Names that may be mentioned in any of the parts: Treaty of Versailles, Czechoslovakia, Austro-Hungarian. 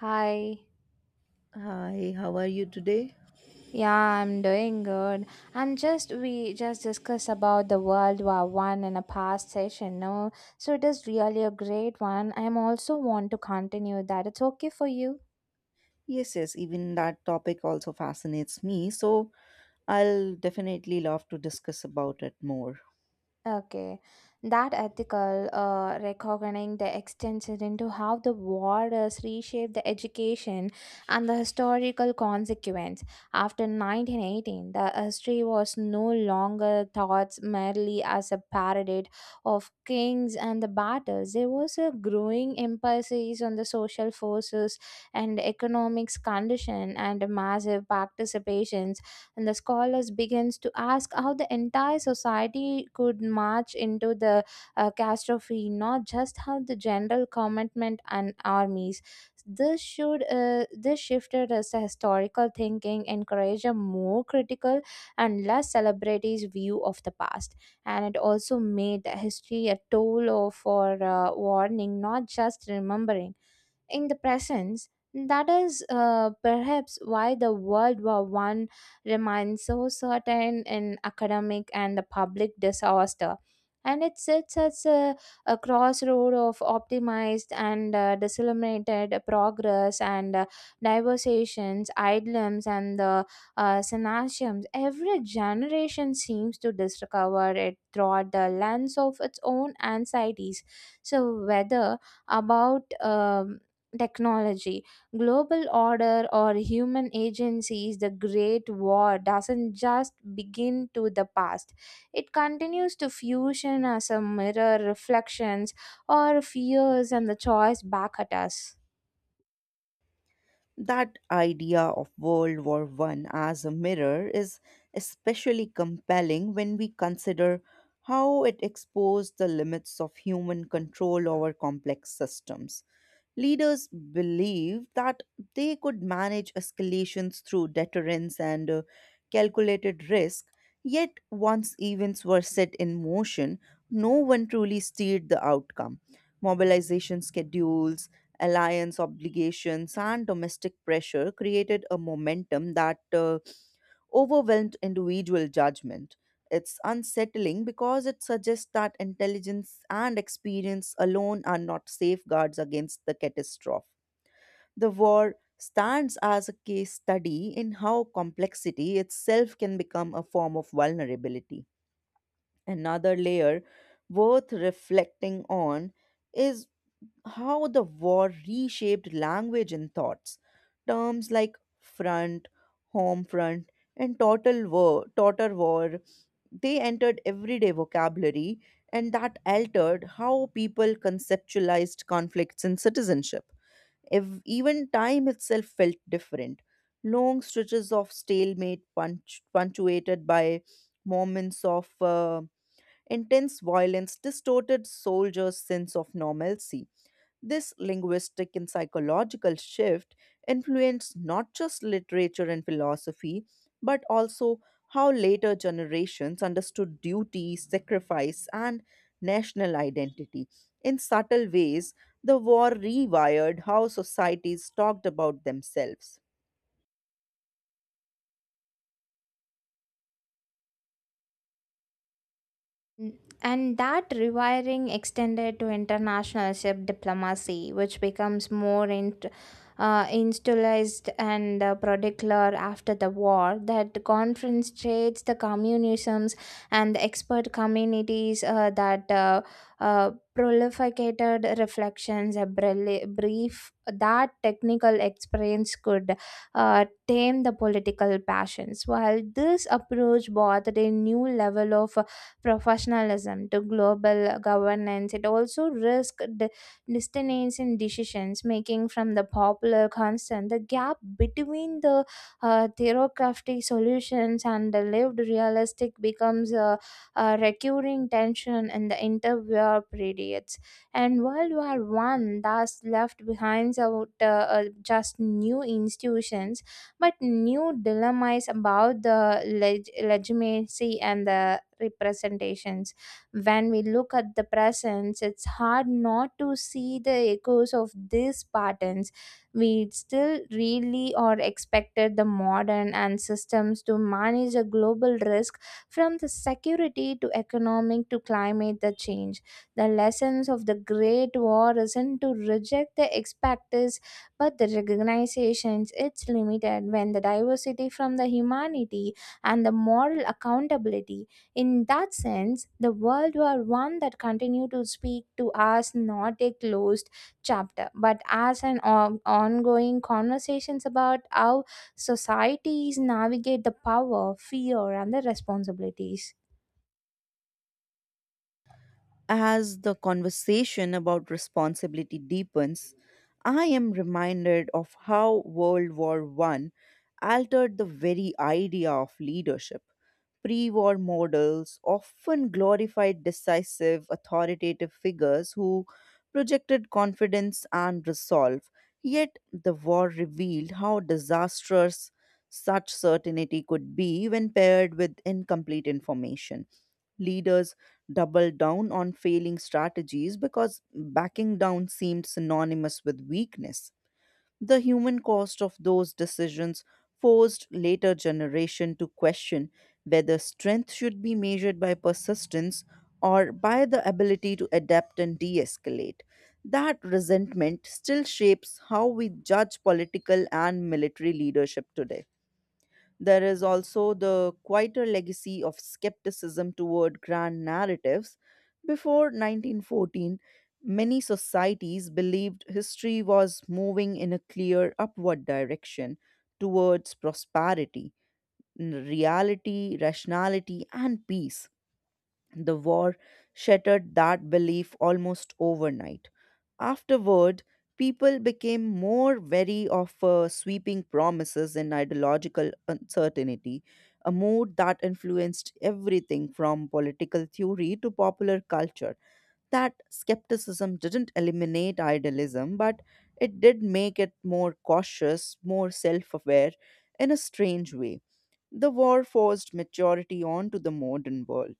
Hi. Hi, how are you today? Yeah, I'm doing good. I'm just we just discussed about the World War One in a past session, no? So it is really a great one. I'm also want to continue that. It's okay for you. Yes, yes, even that topic also fascinates me, so I'll definitely love to discuss about it more. Okay, that ethical reckoning the extension into how the war has reshaped the education and the historical consequence. After 1918, the history was no longer thought merely as a parody of kings and the battles. There was a growing emphasis on the social forces and economics condition and massive participation, and the scholars begins to ask how the entire society could march into the catastrophe, not just how the general commitment and armies this shifted as a historical thinking encourage a more critical and less celebrities view of the past, and it also made history a tool for warning, not just remembering in the presence. That is perhaps why the world war one remains so certain in academic and the public disaster, and it sits at a crossroad of optimized and disseminated progress and diversations, idlums, and the synasiums. Every generation seems to discover it through the lens of its own anxieties. So, whether about technology, global order, or human agencies, the Great War doesn't just begin to the past. It continues to fusion as a mirror reflections or fears and the choice back at us. That idea of World War One as a mirror is especially compelling when we consider how it exposed the limits of human control over complex systems. Leaders believed that they could manage escalations through deterrence and calculated risk, yet, once events were set in motion, no one truly steered the outcome. Mobilization schedules, alliance obligations, and domestic pressure created a momentum that overwhelmed individual judgment. It's unsettling because it suggests that intelligence and experience alone are not safeguards against the catastrophe. The war stands as a case study in how complexity itself can become a form of vulnerability. Another layer worth reflecting on is how the war reshaped language and thoughts. Terms like front, home front, and total war, they entered everyday vocabulary, and that altered how people conceptualized conflicts and citizenship. If even time itself felt different, long stretches of stalemate, punctuated by moments of intense violence, distorted soldiers' sense of normalcy. This linguistic and psychological shift influenced not just literature and philosophy, but also how later generations understood duty, sacrifice, and national identity. In subtle ways, the war rewired how societies talked about themselves. And that rewiring extended to international ship diplomacy, which becomes more institutionalized and particular after the war. That conference trades the communisms and the expert communities that prolificated reflections, a brief that technical experience could tame the political passions. While this approach brought a new level of professionalism to global governance, it also risks dissonance in decisions making from the popular constant. The gap between the theocratic solutions and the lived realistic becomes a recurring tension in the interwar periods. And World War One thus left behind out just new institutions, but new dilemma is about the legitimacy and the representations. When we look at the presence, it's hard not to see the echoes of these patterns. We still really are expected the modern and systems to manage a global risk, from the security to economic to climate the change. The lessons of the great war isn't to reject the expected, but the recognizations it's limited when the diversity from the humanity and the moral accountability. In that sense, the world war one that continue to speak to us, not a closed chapter, but as an ongoing conversations about how societies navigate the power fear and the responsibilities. As the conversation about responsibility deepens, I am reminded of how World War One altered the very idea of leadership. Pre war models often glorified decisive, authoritative figures who projected confidence and resolve. Yet the war revealed how disastrous such certainty could be when paired with incomplete information. Leaders double down on failing strategies because backing down seemed synonymous with weakness. The human cost of those decisions forced later generation to question whether strength should be measured by persistence or by the ability to adapt and de-escalate. That resentment still shapes how we judge political and military leadership today. There is also the quieter legacy of skepticism toward grand narratives. Before 1914, many societies believed history was moving in a clear upward direction towards prosperity, reality, rationality, and peace. The war shattered that belief almost overnight. Afterward, people became more wary of sweeping promises and ideological uncertainty, a mood that influenced everything from political theory to popular culture. That skepticism didn't eliminate idealism, but it did make it more cautious, more self aware in a strange way. The war forced maturity onto the modern world.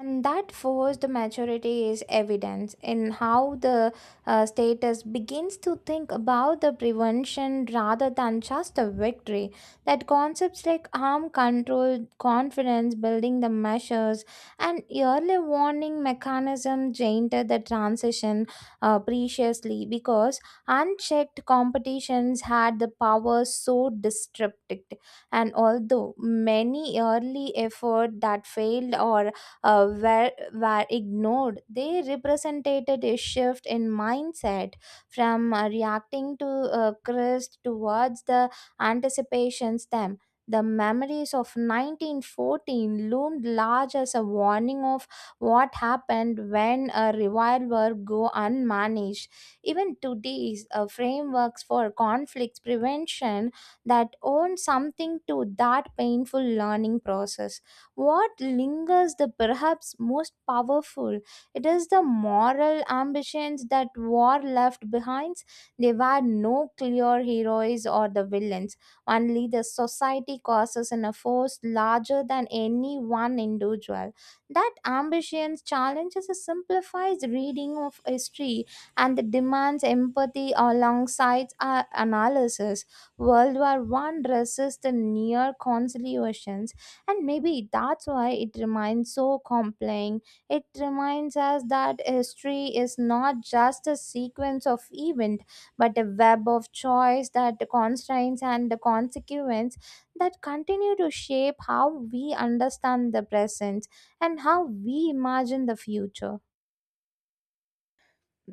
And that forced maturity is evident in how the status begins to think about the prevention rather than just a victory. That concepts like harm control, confidence building the measures, and early warning mechanism tainted the transition preciously because unchecked competitions had the power so disrupted. And although many early effort that failed or were ignored, they represented a shift in mindset from reacting to crest towards the anticipations them. The memories of 1914 loomed large as a warning of what happened when a revival were go unmanaged. Even today's frameworks for conflict prevention that own something to that painful learning process. What lingers the perhaps most powerful, it is the moral ambitions that war left behind. There were no clear heroes or the villains, only the society causes in a force larger than any one individual. That ambition challenges a simplified reading of history and the demands empathy alongside our analysis. World war one resists the near conciliation, and maybe that's why it remains so compelling. It reminds us that history is not just a sequence of events, but a web of choice that the constraints and the consequence that continue to shape how we understand the present and how we imagine the future.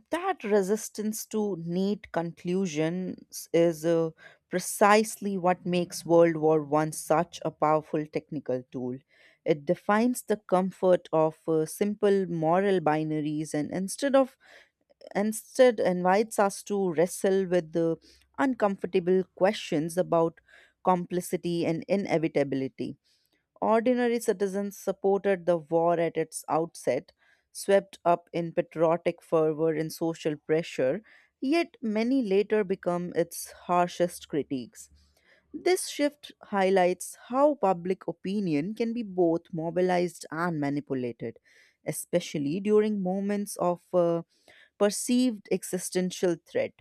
That resistance to neat conclusions is precisely what makes World War One such a powerful technical tool. It defines the comfort of simple moral binaries, and instead invites us to wrestle with the uncomfortable questions about complicity and inevitability. Ordinary citizens supported the war at its outset, swept up in patriotic fervor and social pressure, yet many later become its harshest critiques. This shift highlights how public opinion can be both mobilized and manipulated, especially during moments of perceived existential threat.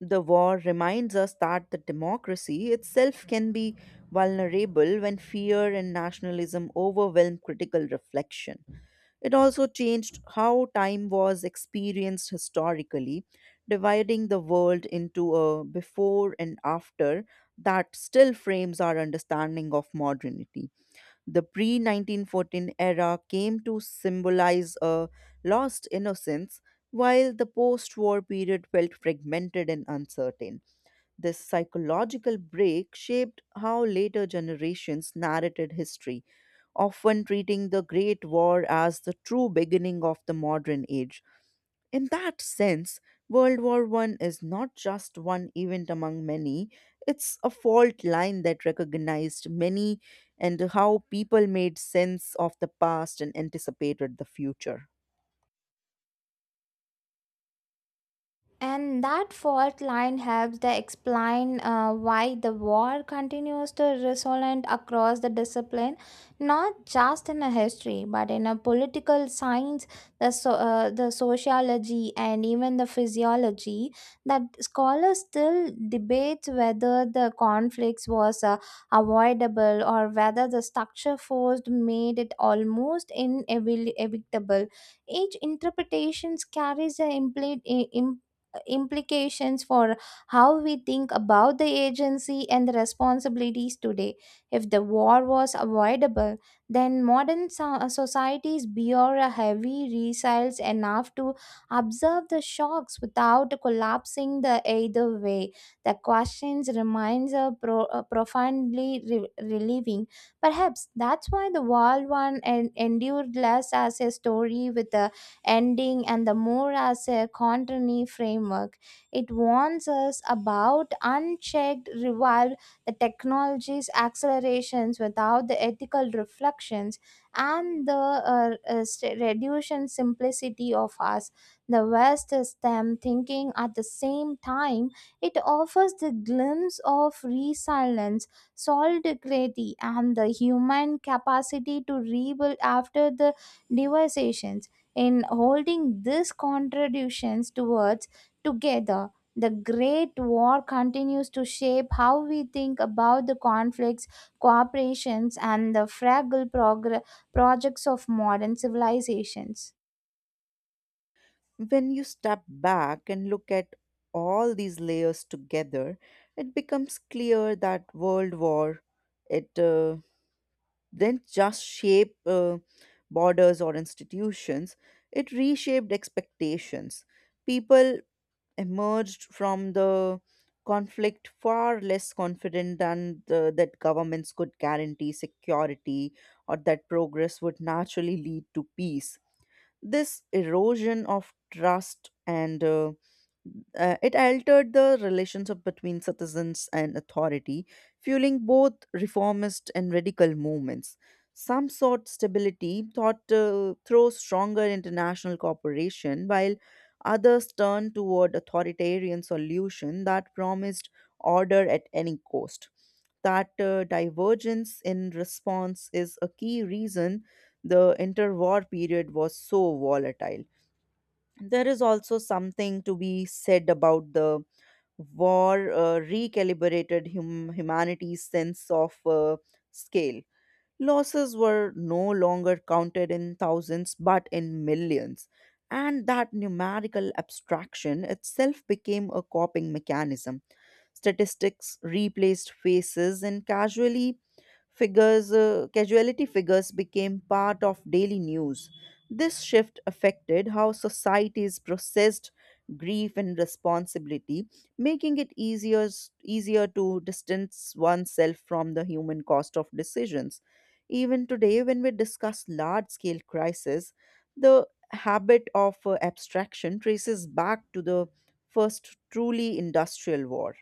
The war reminds us that the democracy itself can be vulnerable when fear and nationalism overwhelm critical reflection. It also changed how time was experienced historically, dividing the world into a before and after that still frames our understanding of modernity. The pre 1914 era came to symbolize a lost innocence, while the post war period felt fragmented and uncertain. This psychological break shaped how later generations narrated history, often treating the Great War as the true beginning of the modern age. In that sense, World War One is not just one event among many, it's a fault line that recognized many and how people made sense of the past and anticipated the future. And that fault line helps to explain why the war continues to resonate across the discipline, not just in a history, but in a political science, the sociology, and even the physiology. That scholars still debate whether the conflicts was avoidable or whether the structure forced made it almost inevitable. Each interpretation carries an implied implications for how we think about the agency and the responsibilities today. If the war was avoidable, then modern societies bear a heavy resilience enough to observe the shocks without collapsing the either way. The questions remains a profoundly relieving. Perhaps that's why the World War One endured less as a story with a ending, and the more as a continuity framework. It warns us about unchecked revival, the technology's accelerations without the ethical reflections, and the reduction simplicity of us. The West is them thinking at the same time. It offers the glimpse of resilience solidarity and the human capacity to rebuild after the devastations, in holding these contributions towards together. The great war continues to shape how we think about the conflicts cooperations and the fragile projects of modern civilizations. When you step back and look at all these layers together, it becomes clear that World War it didn't just shape borders or institutions; it reshaped expectations. People emerged from the conflict far less confident than that governments could guarantee security or that progress would naturally lead to peace. This erosion of trust and it altered the relationship between citizens and authority, fueling both reformist and radical movements. Some sought stability thought through stronger international cooperation, while others turned toward authoritarian solution that promised order at any cost. That divergence in response is a key reason the interwar period was so volatile. There is also something to be said about the war recalibrated humanity's sense of scale. Losses were no longer counted in thousands but in millions. And that numerical abstraction itself became a coping mechanism. Statistics replaced faces, and casually figures, casualty figures became part of daily news. This shift affected how societies processed grief and responsibility, making it easier to distance oneself from the human cost of decisions. Even today, when we discuss large scale crises, the habit of abstraction traces back to the first truly industrial war.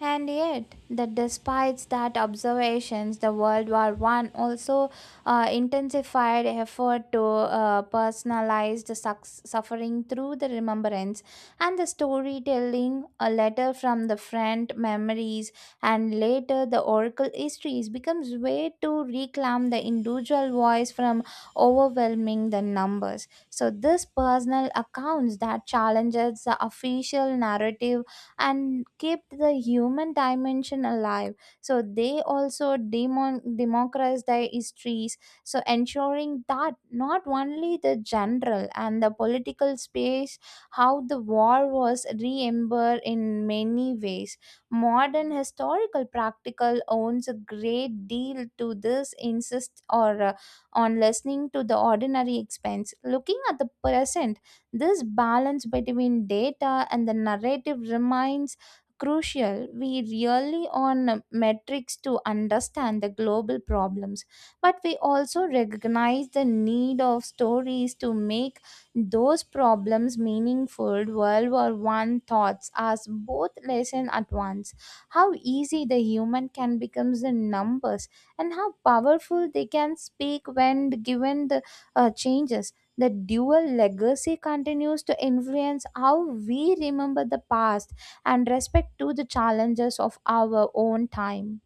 And yet, that despite that observations, the World War One also intensified effort to personalize the sucks suffering through the remembrance and the storytelling. A letter from the friend, memories, and later the oracle histories becomes way to reclaim the individual voice from overwhelming the numbers. So this personal accounts that challenges the official narrative and kept the human dimension alive. So they also democratized their histories, so ensuring that not only the general and the political space, how the war was remembered in many ways. Modern historical practical owns a great deal to this insist or on listening to the ordinary expense. Looking at the present, this balance between data and the narrative remains crucial. We rely on metrics to understand the global problems, but we also recognize the need of stories to make those problems meaningful. World War One thoughts as both lesson at once. How easy the human can become the numbers, and how powerful they can speak when given the changes. The dual legacy continues to influence how we remember the past and respect to the challenges of our own time.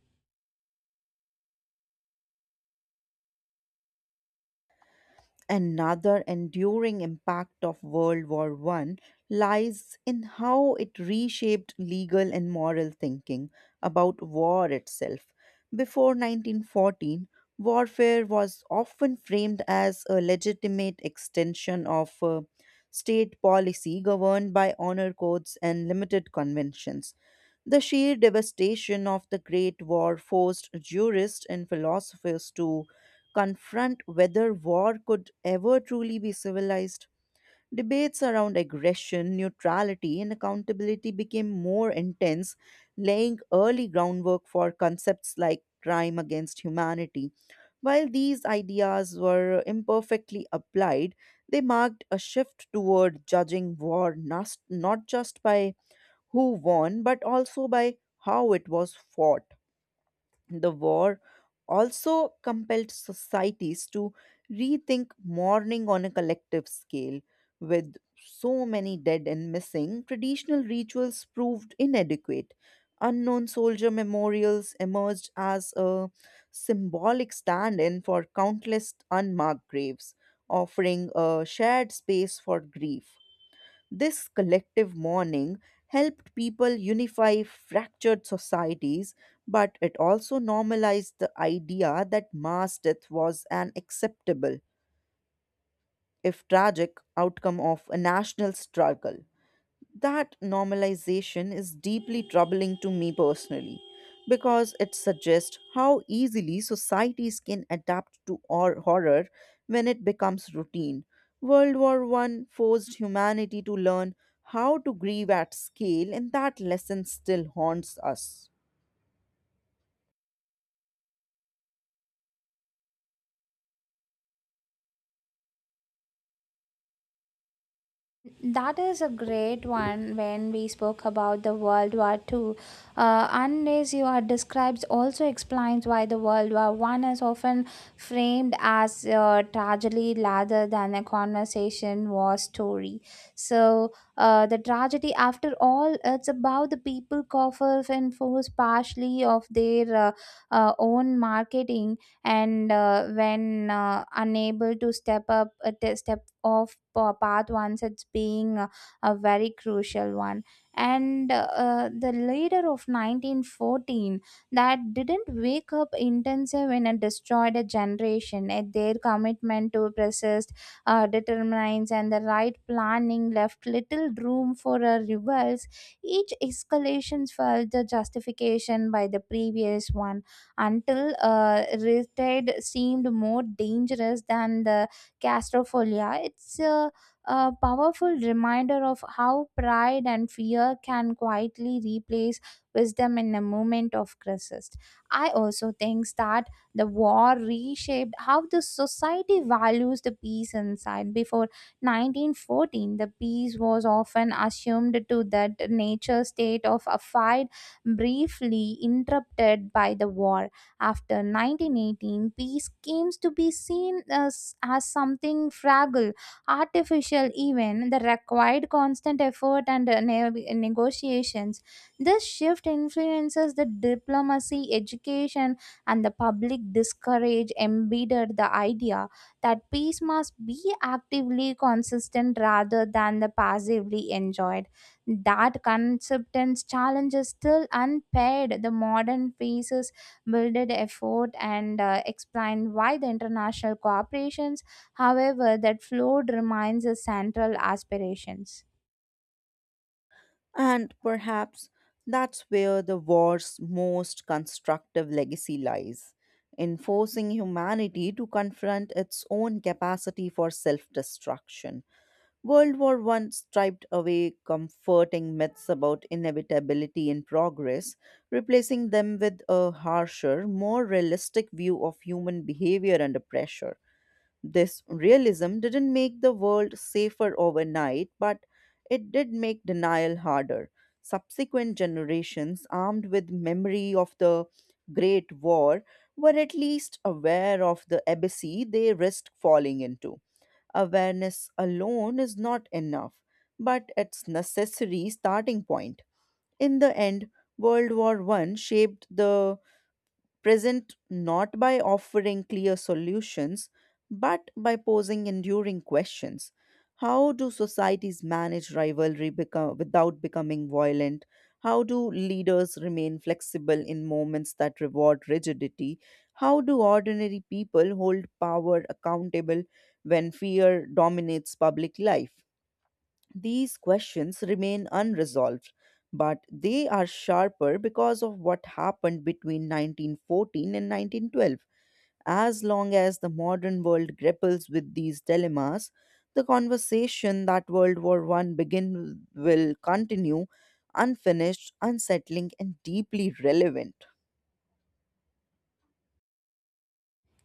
Another enduring impact of World War One lies in how it reshaped legal and moral thinking about war itself. Before 1914, warfare was often framed as a legitimate extension of state policy governed by honor codes and limited conventions. The sheer devastation of the Great War forced jurists and philosophers to confront whether war could ever truly be civilized. Debates around aggression, neutrality, and accountability became more intense, laying early groundwork for concepts like crime against humanity. While these ideas were imperfectly applied, they marked a shift toward judging war not just by who won, but also by how it was fought. The war also compelled societies to rethink mourning on a collective scale. With so many dead and missing, traditional rituals proved inadequate. Unknown soldier memorials emerged as a symbolic stand in for countless unmarked graves, offering a shared space for grief. This collective mourning helped people unify fractured societies, but it also normalized the idea that mass death was an acceptable, if tragic, outcome of a national struggle. That normalization is deeply troubling to me personally because it suggests how easily societies can adapt to horror when it becomes routine. World War One forced humanity to learn how to grieve at scale, and that lesson still haunts us. That is a great one. When we spoke about the World War Two, unless you are describes also explains why the World War One is often framed as a tragedy rather than a conversation war story. So the tragedy, after all, it's about the people coughed and forced partially of their own marketing, and when unable to step up step of path once it's being a very crucial one. And the leader of 1914 that didn't wake up intensive in a destroyed a generation at their commitment to persist determines, and the right planning left little room for a reverse. Each escalation felt the justification by the previous one, until retired seemed more dangerous than the claustrophilia. It's a powerful reminder of how pride and fear can quietly replace wisdom in a moment of crisis. I also think that the war reshaped how the society values the peace inside. Before 1914, the peace was often assumed to that nature state of a fight briefly interrupted by the war. After 1918, peace came to be seen as something fragile, artificial, even that required constant effort and negotiations. This shift influences the diplomacy, education, and the public discourage embedded the idea that peace must be actively consistent rather than the passively enjoyed. That conceptance challenge is still unpaired. The modern peace builded effort and explained why the international cooperations however that flowed remains a central aspiration. And perhaps that's where the war's most constructive legacy lies, in forcing humanity to confront its own capacity for self destruction. World War One striped away comforting myths about inevitability and progress, replacing them with a harsher, more realistic view of human behavior under pressure. This realism didn't make the world safer overnight, but it did make denial harder. Subsequent generations, armed with memory of the Great War, were at least aware of the abyssy they risked falling into. Awareness alone is not enough, but it's necessary starting point. In the end, World War One shaped the present not by offering clear solutions, but by posing enduring questions. How do societies manage without becoming violent? How do leaders remain flexible in moments that reward rigidity? How do ordinary people hold power accountable when fear dominates public life? These questions remain unresolved, but they are sharper because of what happened between 1914 and 1912. As long as the modern world grapples with these dilemmas, the conversation that World War One began with will continue unfinished, unsettling, and deeply relevant.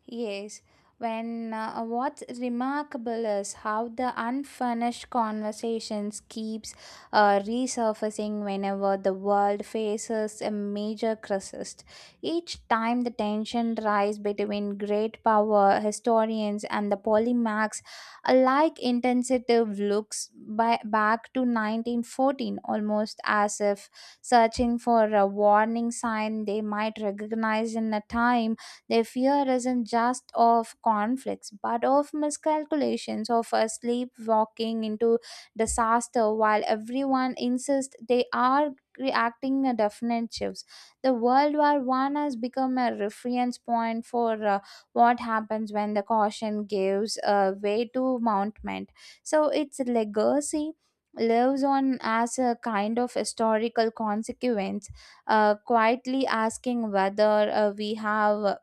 Yes, when what's remarkable is how the unfinished conversations keeps resurfacing whenever the world faces a major crisis. Each time the tension rise between great power historians and the polymaths alike intensive looks back to 1914, almost as if searching for a warning sign they might recognize in a time. Their fear isn't just of conflicts, but of miscalculations, of a sleepwalking into disaster while everyone insists they are reacting a definite shifts. The World War One has become a reference point for what happens when the caution gives way to mountment. So its legacy lives on as a kind of historical consequence, quietly asking whether we have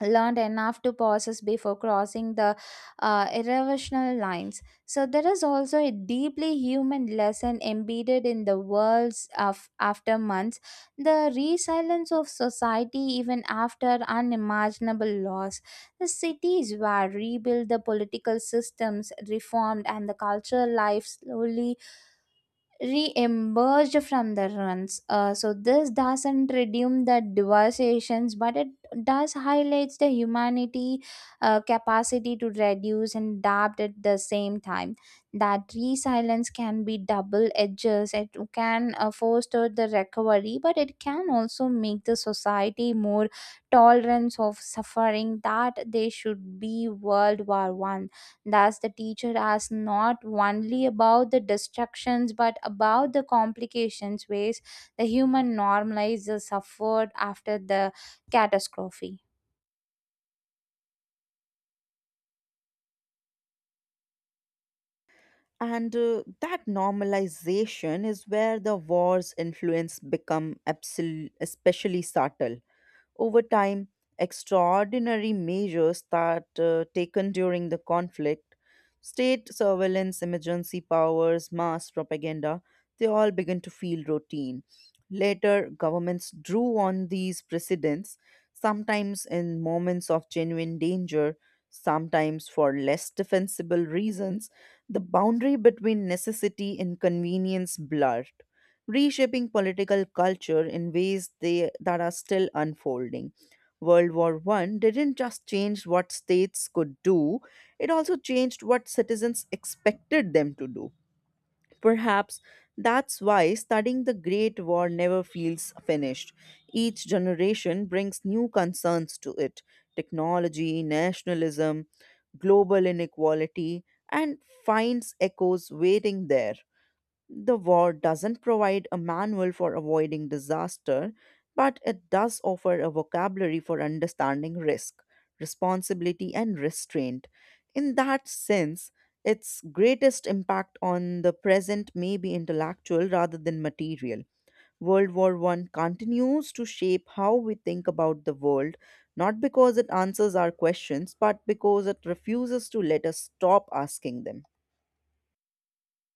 learned enough to process before crossing the irrational lines. So, there is also a deeply human lesson embedded in the world's of after months, the resilience of society even after unimaginable loss. The cities were rebuilt, the political systems reformed, and the cultural life slowly re-emerged from the ruins. So this doesn't redeem the devastations, but it does highlights the humanity capacity to reduce and adapt at the same time. That resilience can be double edges. It can foster the recovery, but it can also make the society more tolerance of suffering that they should be World War One. Thus, the teacher asks not only about the distractions but about the complications ways the human normalizes suffered after the catastrophe. And that normalization is where the war's influence become especially subtle over time, extraordinary measures that taken during the conflict, state surveillance, emergency powers, mass propaganda, they all began to feel routine. Later, governments drew on these precedents, sometimes in moments of genuine danger, sometimes for less defensible reasons. The boundary between necessity and convenience blurred, reshaping political culture in ways that are still unfolding. World War One didn't just change what states could do, it also changed what citizens expected them to do. Perhaps that's why studying the Great War never feels finished. Each generation brings new concerns to it: technology, nationalism, global inequality, and finds echoes waiting there. The war doesn't provide a manual for avoiding disaster, but it does offer a vocabulary for understanding risk, responsibility, and restraint. In that sense, its greatest impact on the present may be intellectual rather than material. World War One continues to shape how we think about the world, not because it answers our questions, but because it refuses to let us stop asking them.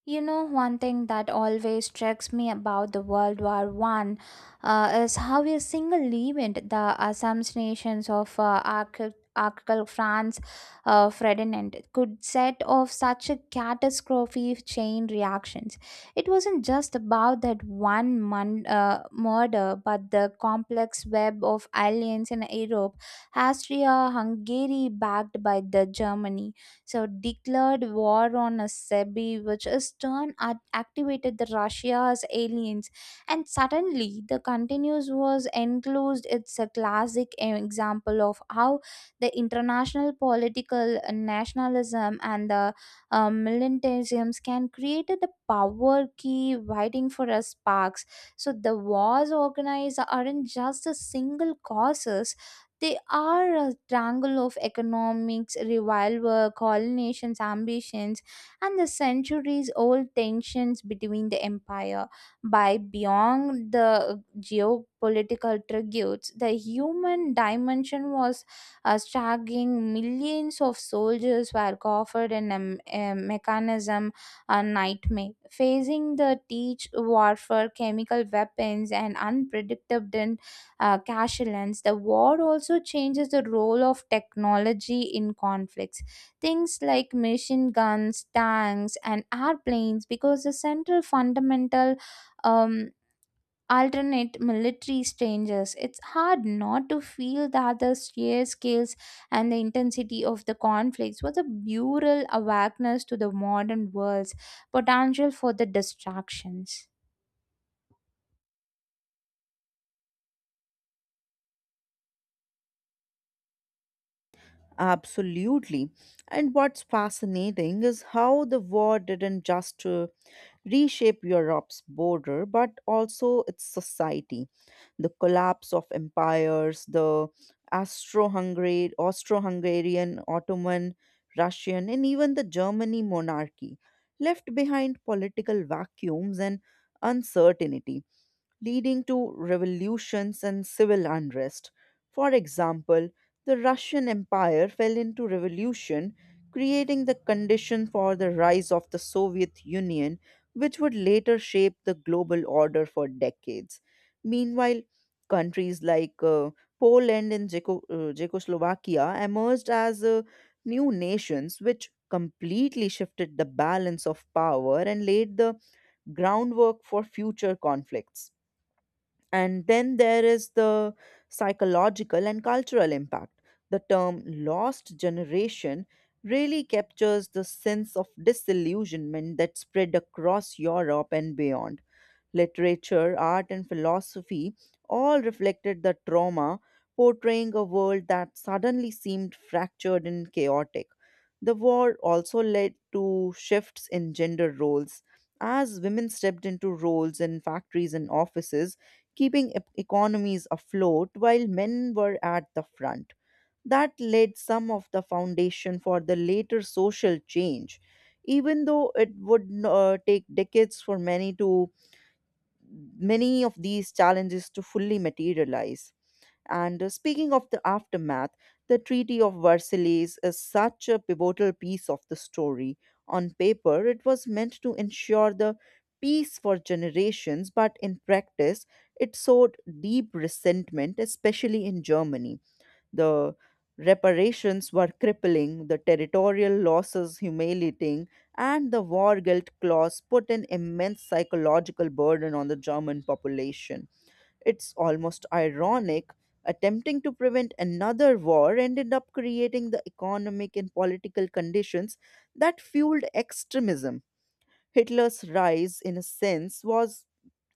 You know, one thing that always strikes me about the World War One is how a single event, the assassinations of Archduke Franz Ferdinand, could set off such a catastrophic chain reactions. It wasn't just about that one murder, but the complex web of alliance in Europe. Austria, Hungary, backed by the Germany, so declared war on a Sebi, which is turn activated the Russia's aliens. And suddenly, the continuous was enclosed. It's a classic e, example of how the international political nationalism and the militantisms can create the power key waiting for us sparks. So the wars organized aren't just a single causes; they are a triangle of economics, revival, colonization's ambitions, and the centuries old tensions between the empire. By beyond the geopolitical tributes, the human dimension was staggering. Millions of soldiers were offered in a mechanism a nightmare. Facing the teach warfare, chemical weapons, and unpredictable Kashelans, the war also changes the role of technology in conflicts. Things like machine guns, tanks, and airplanes, because the central fundamental um, alternate military strangers. It's hard not to feel that the sheer scales and the intensity of the conflicts was a bural awareness to the modern world's potential for the distractions. Absolutely. And what's fascinating is how the war didn't just reshape Europe's border, but also its society. The collapse of empires, the Austro-Hungarian, Ottoman, Russian, and even the Germany monarchy left behind political vacuums and uncertainty, leading to revolutions and civil unrest. For example, the Russian Empire fell into revolution, creating the condition for the rise of the Soviet Union, which would later shape the global order for decades. Meanwhile, countries like Poland and Czechoslovakia emerged as new nations, which completely shifted the balance of power and laid the groundwork for future conflicts. And then there is the psychological and cultural impact. The term lost generation really captures the sense of disillusionment that spread across Europe and beyond. Literature, art, and philosophy all reflected the trauma, portraying a world that suddenly seemed fractured and chaotic. The war also led to shifts in gender roles, as women stepped into roles in factories and offices, keeping economies afloat while men were at the front. That laid some of the foundation for the later social change, even though it would take decades for many of these challenges to fully materialize. And speaking of the aftermath, the Treaty of Versailles is such a pivotal piece of the story. On paper, it was meant to ensure the peace for generations, but in practice, it sowed deep resentment, especially in Germany. The reparations were crippling, the territorial losses humiliating, and the war guilt clause put an immense psychological burden on the German population. It's almost ironic. Attempting to prevent another war ended up creating the economic and political conditions that fueled extremism. Hitler's rise, in a sense, was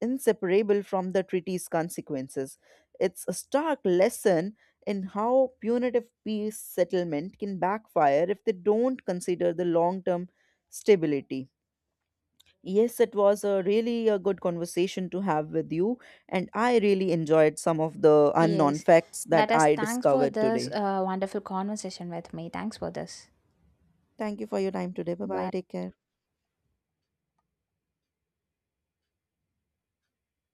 inseparable from the treaty's consequences. It's a stark lesson in how punitive peace settlement can backfire if they don't consider the long term stability. Yes, it was a really a good conversation to have with you, and I really enjoyed some of the unknown Yes, facts that that is I thanks for discovered this today. Wonderful conversation with me. Thanks for this. Thank you for your time today. Bye bye. Bye. Take care.